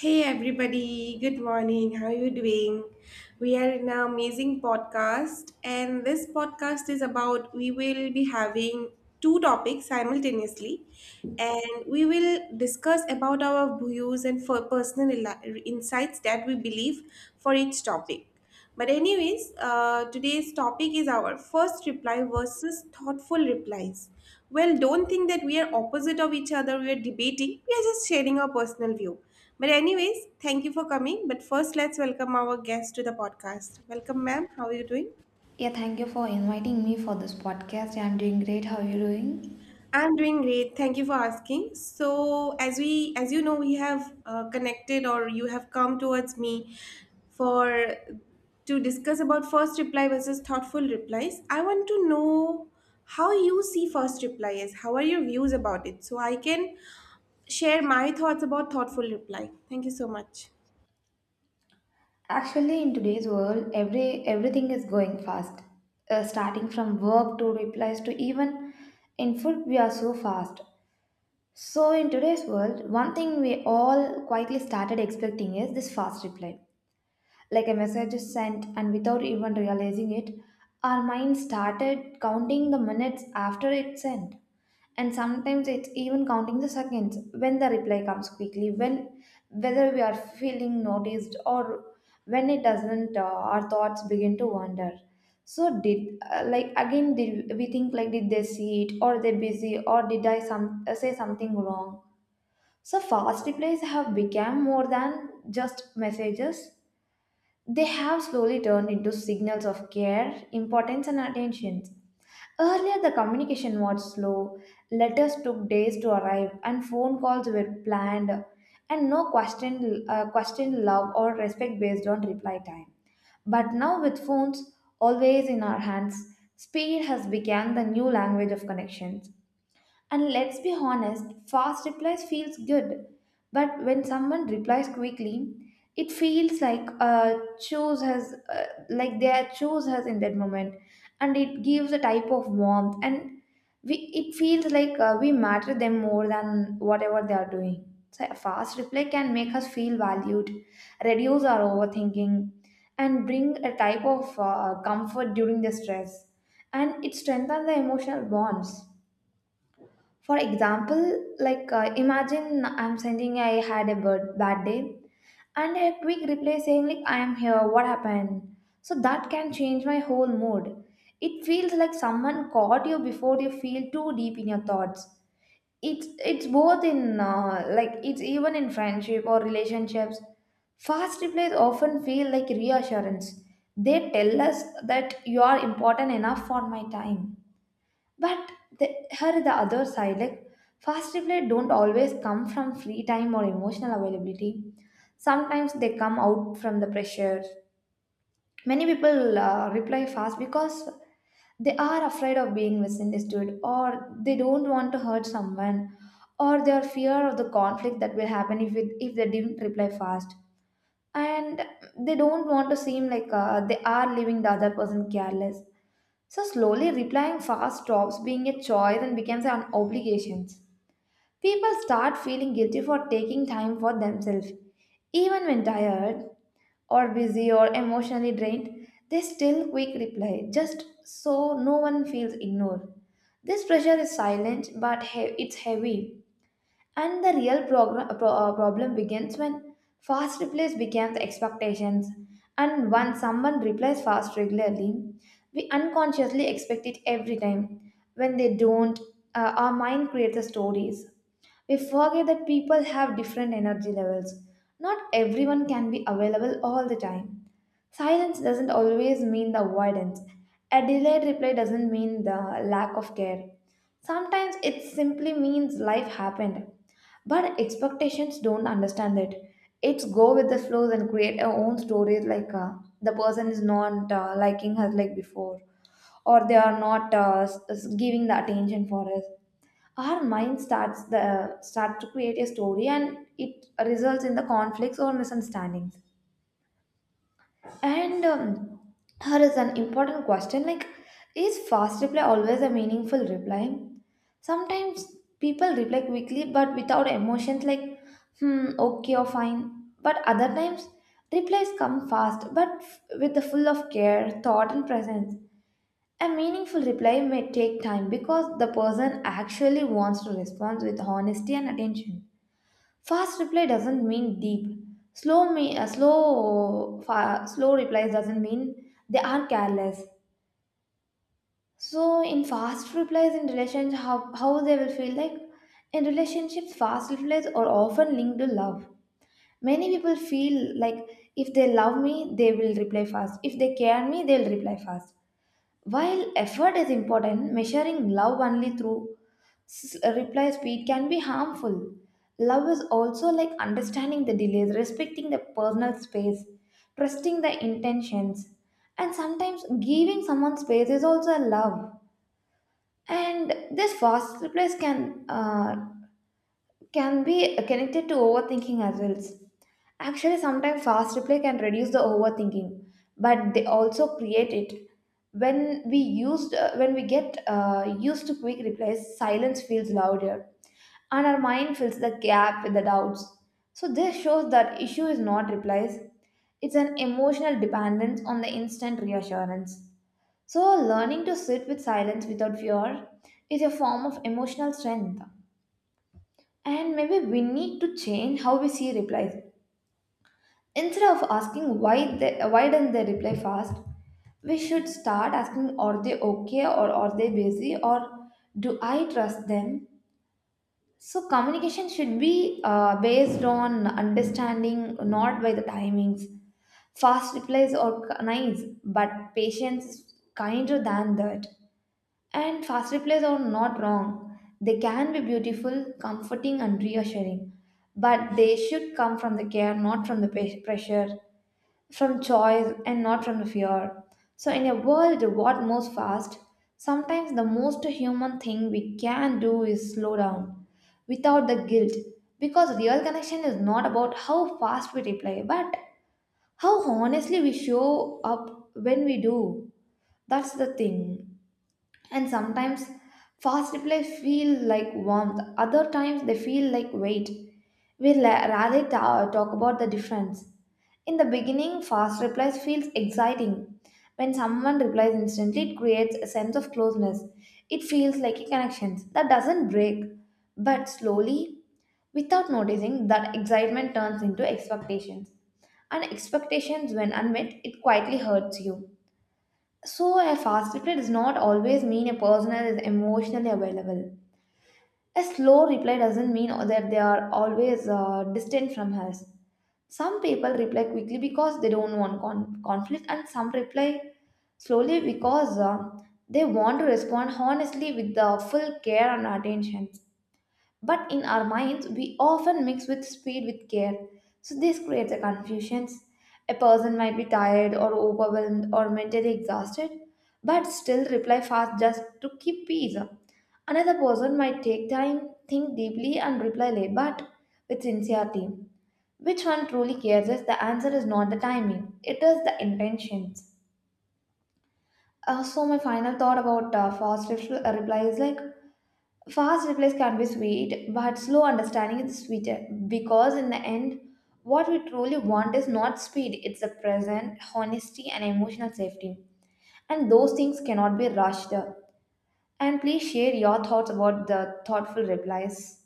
Hey everybody, good morning. How are you doing? We are in an amazing podcast, and this podcast is about we will be having two topics simultaneously, and we will discuss about our views and for personal insights that we believe for each topic. But anyways, today's topic is our first reply versus thoughtful replies. Well, don't think that we are opposite of each other, we are debating, we are just sharing our personal view. But anyways, thank you for coming. But first, let's welcome our guest to the podcast. Welcome, ma'am. How are you doing? Yeah, thank you for inviting me for this podcast. I'm doing great. How are you doing? I'm doing great. Thank you for asking. So, as you know, we have connected, or you have come towards me for to discuss about first reply versus thoughtful replies. I want to know how you see first reply is. How are your views about it? So I can share my thoughts about thoughtful reply. Thank you so much. Actually, in today's world, everything is going fast. Starting from work to replies to even in food, we are so fast. So in today's world, one thing we all quietly started expecting is this fast reply. Like a message is sent, and without even realizing it, our mind started counting the minutes after it's sent, and sometimes it's even counting the seconds when the reply comes quickly, when whether we are feeling noticed or when it doesn't, our thoughts begin to wander. So did uh, like again, did we think like did they see it, or they busy, or did I some say something wrong? So fast replies have become more than just messages. They have slowly turned into signals of care, importance, and attention. Earlier, the communication was slow, letters took days to arrive, and phone calls were planned, and no question, love or respect based on reply time. But now, with phones always in our hands, speed has become the new language of connections. And let's be honest, fast replies feels good, but when someone replies quickly, it feels like chose has like they are chose has in that moment, and it gives a type of warmth, and we it feels like we matter them more than whatever they are doing. So a fast reply can make us feel valued, reduce our overthinking, and bring a type of comfort during the stress, and it strengthens the emotional bonds. For example, like imagine I had a bad day, and a quick reply saying like I am here, what happened? So that can change my whole mood. It feels like someone caught you before you feel too deep in your thoughts. It's it's both in it's even in friendship or relationships. Fast replies often feel like reassurance. They tell us that you are important enough for my time. But the, the other side, like, fast reply don't always come from free time or emotional availability. Sometimes they come out from the pressure. Many people reply fast because they are afraid of being misunderstood, or they don't want to hurt someone, or their fear of the conflict that will happen if they didn't reply fast, and they don't want to seem like they are leaving the other person careless, so slowly replying fast stops being a choice and becomes an obligation. People start feeling guilty for taking time for themselves. Even when tired or busy or emotionally drained, they still quick reply just so no one feels ignored. This pressure is silent but it's heavy, and the real problem begins when fast replies become the expectations. And once someone replies fast regularly, we unconsciously expect it every time. When they don't, our mind creates the stories. We forget that people have different energy levels. Not everyone can be available all the time. Silence doesn't always mean the avoidance. A delayed reply doesn't mean the lack of care. Sometimes it simply means life happened. But expectations don't understand it. It's go with the flows and create our own stories like, the person is not liking us like before, or they are not giving the attention for us. Our mind start to create a story, and it results in the conflicts or misunderstandings. And here is an important question like, is fast reply always a meaningful reply? Sometimes people reply quickly but without emotions like, hmm, okay or fine. But other times, replies come fast but with the full of care, thought, and presence. A meaningful reply may take time because the person actually wants to respond with honesty and attention. Fast reply doesn't mean deep. Slow me slow fa- slow replies doesn't mean they are careless. So in fast replies in relationship, how they will feel like, in relationships fast replies are often linked to love. Many people feel like if they love me they will reply fast. If they care me they'll reply fast. While effort is important, measuring love only through reply speed can be harmful. Love is also like understanding the delays, respecting the personal space, trusting the intentions, and sometimes giving someone space is also a love. And this fast replies can be connected to overthinking as well. Actually, sometimes fast replay can reduce the overthinking, but they also create it. When we get used to quick replies, silence feels louder, and our mind fills the gap with the doubts. So this shows that issue is not replies; it's an emotional dependence on the instant reassurance. So learning to sit with silence without fear is a form of emotional strength. And maybe we need to change how we see replies. Instead of asking why don't they reply fast, we should start asking are they okay, or are they busy, or do I trust them? So communication should be based on understanding, not by the timings. Fast replies are nice, but patience is kinder than that. And fast replies are not wrong. They can be beautiful, comforting, and reassuring. But they should come from the care, not from the pressure, from choice, and not from the fear. So, in a world what moves fast, sometimes the most human thing we can do is slow down without the guilt. Because real connection is not about how fast we reply, but how honestly we show up when we do. That's the thing. And sometimes fast replies feel like warmth, other times they feel like weight. We rarely talk about the difference. In the beginning fast replies feels exciting. When someone replies instantly, it creates a sense of closeness. It feels like a connection that doesn't break. But slowly, without noticing, that excitement turns into expectations, and expectations when unmet, it quietly hurts you. So, a fast reply does not always mean a person is emotionally available. A slow reply doesn't mean that they are always distant from us. Some people reply quickly because they don't want conflict, and some reply slowly because they want to respond honestly with the full care and attention. But in our minds, we often mix with speed with care. So this creates a confusions. A person might be tired or overwhelmed or mentally exhausted, but still reply fast just to keep peace. Another person might take time, think deeply, and reply late, but with sincerity. Which one truly cares, is the answer is not the timing, it is the intentions. So, my final thought about fast reply is like, fast replies can be sweet, but slow understanding is sweeter because, in the end, what we truly want is not speed, it's the present, honesty, and emotional safety. And those things cannot be rushed. And please share your thoughts about the thoughtful replies.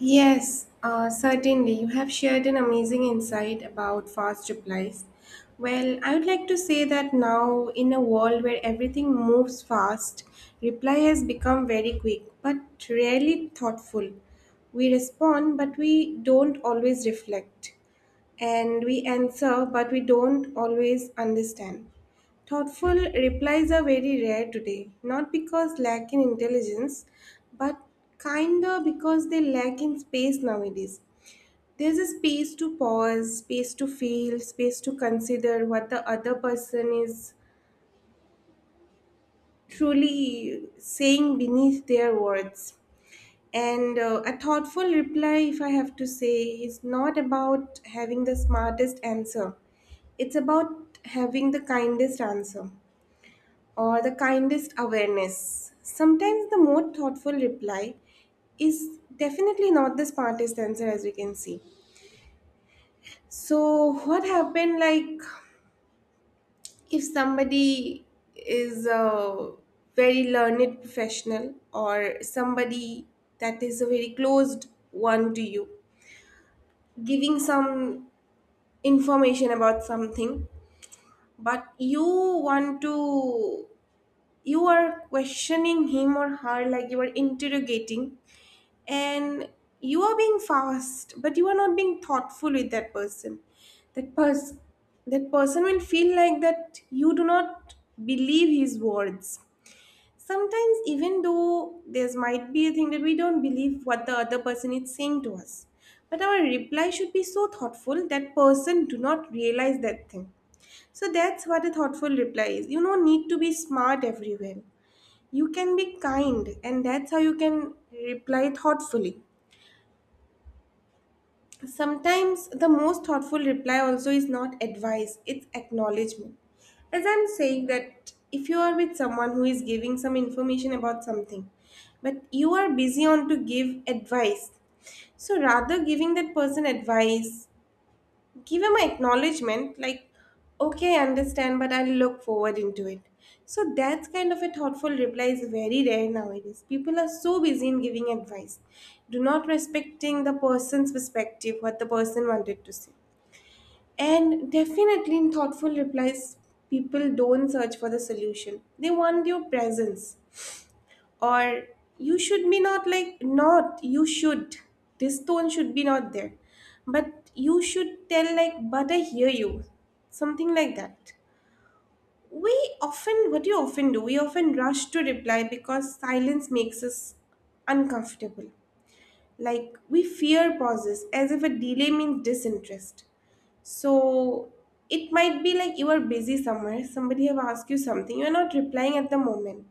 Yes, certainly. You have shared an amazing insight about fast replies. Well, I would like to say that now, in a world where everything moves fast, reply has become very quick but rarely thoughtful. We respond, but we don't always reflect, and we answer, but we don't always understand. Thoughtful replies are very rare today, not because lack in intelligence, but kinder because they lack in space nowadays. There's a space to pause, space to feel, space to consider what the other person is truly saying beneath their words. And a thoughtful reply, if I have to say, is not about having the smartest answer. It's about having the kindest answer or the kindest awareness. Sometimes the more thoughtful reply is definitely not the smartest answer, as we can see. So, what happened like if somebody is a very learned professional or somebody that is a very closed one to you, giving some information about something, but you want to you are questioning him or her like you are interrogating, and you are being fast but you are not being thoughtful with that person, that person that person will feel like that you do not believe his words. Sometimes even though there's might be a thing that we don't believe what the other person is saying to us, but our reply should be so thoughtful that person do not realize that thing. So that's what a thoughtful reply is. You don't need to be smart everywhere. You can be kind, and that's how you can reply thoughtfully. Sometimes the most thoughtful reply also is not advice, it's acknowledgement. As I'm saying that if you are with someone who is giving some information about something, but you are busy on to give advice, so rather giving that person advice, give him an acknowledgement like, okay, I understand but I'll look forward into it. So that kind of a thoughtful reply is very rare nowadays. People are so busy in giving advice, do not respecting the person's perspective, what the person wanted to say. And definitely in thoughtful replies, people don't search for the solution, they want your presence. Or, you should be not like not you should this tone should be not there, but you should tell like, but I hear you, something like that. We often what do you often do We often rush to reply because silence makes us uncomfortable. Like we fear pauses as if a delay means disinterest. So, it might be like you are busy somewhere, somebody have asked you something, you are not replying at the moment,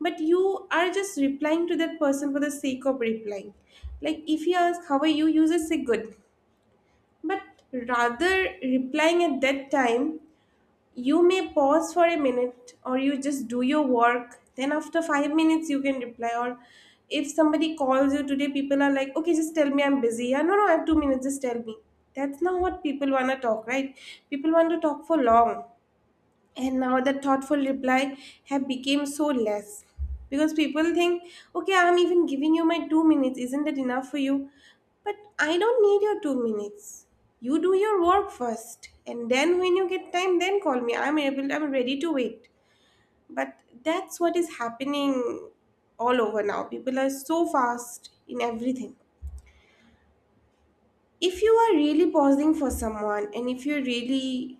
but you are just replying to that person for the sake of replying. Like if he asks how are you, you just say good. But rather replying at that time, you may pause for a minute, or you just do your work then after 5 minutes you can reply. Or if somebody calls you, today people are like, okay, just tell me, I'm busy, yeah, no, I have 2 minutes, just tell me. That's not what people want to talk, right? People want to talk for long. And now the thoughtful reply have become so less because people think, okay, I'm even giving you my 2 minutes, isn't that enough for you? But I don't need your 2 minutes. You do your work first, and then when you get time then call me. I'm ready to wait. But that's what is happening all over now. People are so fast in everything. If you are really pausing for someone and if you really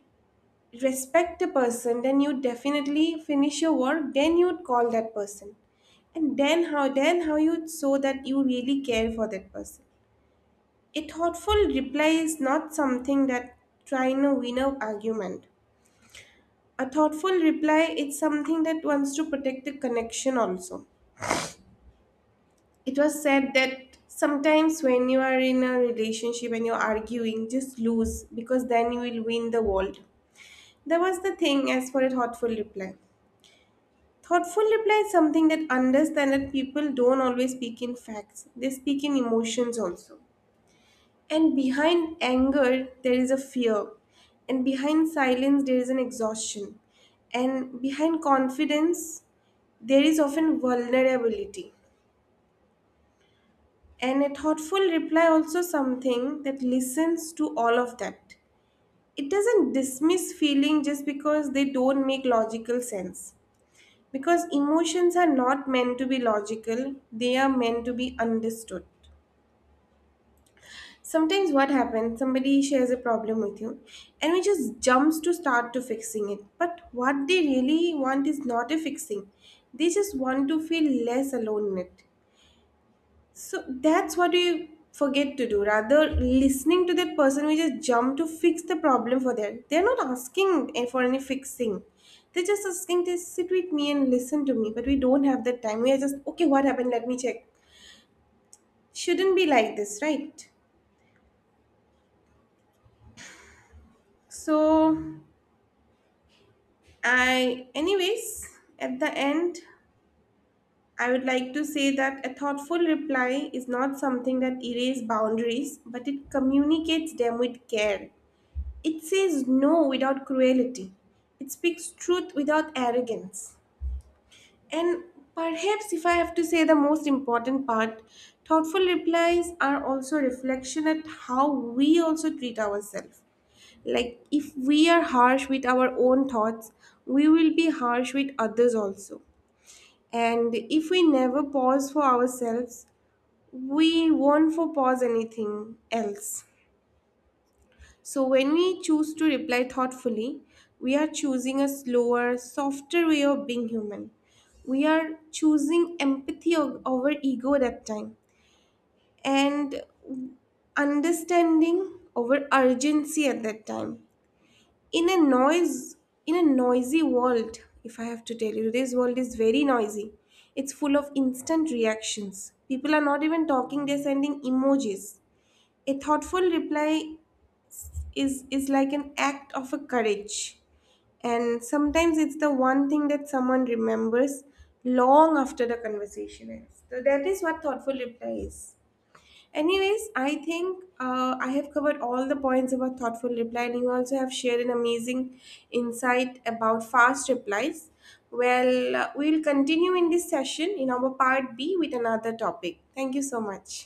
respect a person, then you definitely finish your work, then you'd call that person. And then how you'd show that you really care for that person. A thoughtful reply is not something that trying to win an argument. A thoughtful reply is something that wants to protect the connection also. It was said that sometimes when you are in a relationship and you're arguing, just lose because then you will win the world. That was the thing as for a thoughtful reply. Thoughtful reply is something that understand that people don't always speak in facts, they speak in emotions also. And behind anger, there is a fear. And behind silence, there is an exhaustion. And behind confidence, there is often vulnerability. And a thoughtful reply also something that listens to all of that. It doesn't dismiss feeling just because they don't make logical sense. Because emotions are not meant to be logical, they are meant to be understood. Sometimes what happens, somebody shares a problem with you and we just jumps to start to fixing it. But what they really want is not a fixing. They just want to feel less alone in it. So that's what we forget to do. Rather, listening to that person, we just jump to fix the problem for them. They're not asking for any fixing. They're just asking to sit with me and listen to me. But we don't have that time. We are just, okay, what happened? Let me check. Shouldn't be like this, right? So, I, anyways, at the end, I would like to say that a thoughtful reply is not something that erases boundaries, but it communicates them with care. It says no without cruelty. It speaks truth without arrogance. And perhaps, if I have to say the most important part, thoughtful replies are also reflection at how we also treat ourselves. Like if we are harsh with our own thoughts, we will be harsh with others also. And if we never pause for ourselves, we won't for pause anything else. So, when we choose to reply thoughtfully, we are choosing a slower, softer way of being human. We are choosing empathy over ego that time, and understanding over urgency at that time. In a noise, in a noisy world, if I have to tell you, this world is very noisy. It's full of instant reactions. People are not even talking, they're sending emojis. A thoughtful reply is like an act of a courage, and sometimes it's the one thing that someone remembers long after the conversation ends. So that is what thoughtful reply is. Anyways, I think I have covered all the points about thoughtful reply, and you also have shared an amazing insight about fast replies. Well, we'll continue in this session in our part B with another topic. Thank you so much.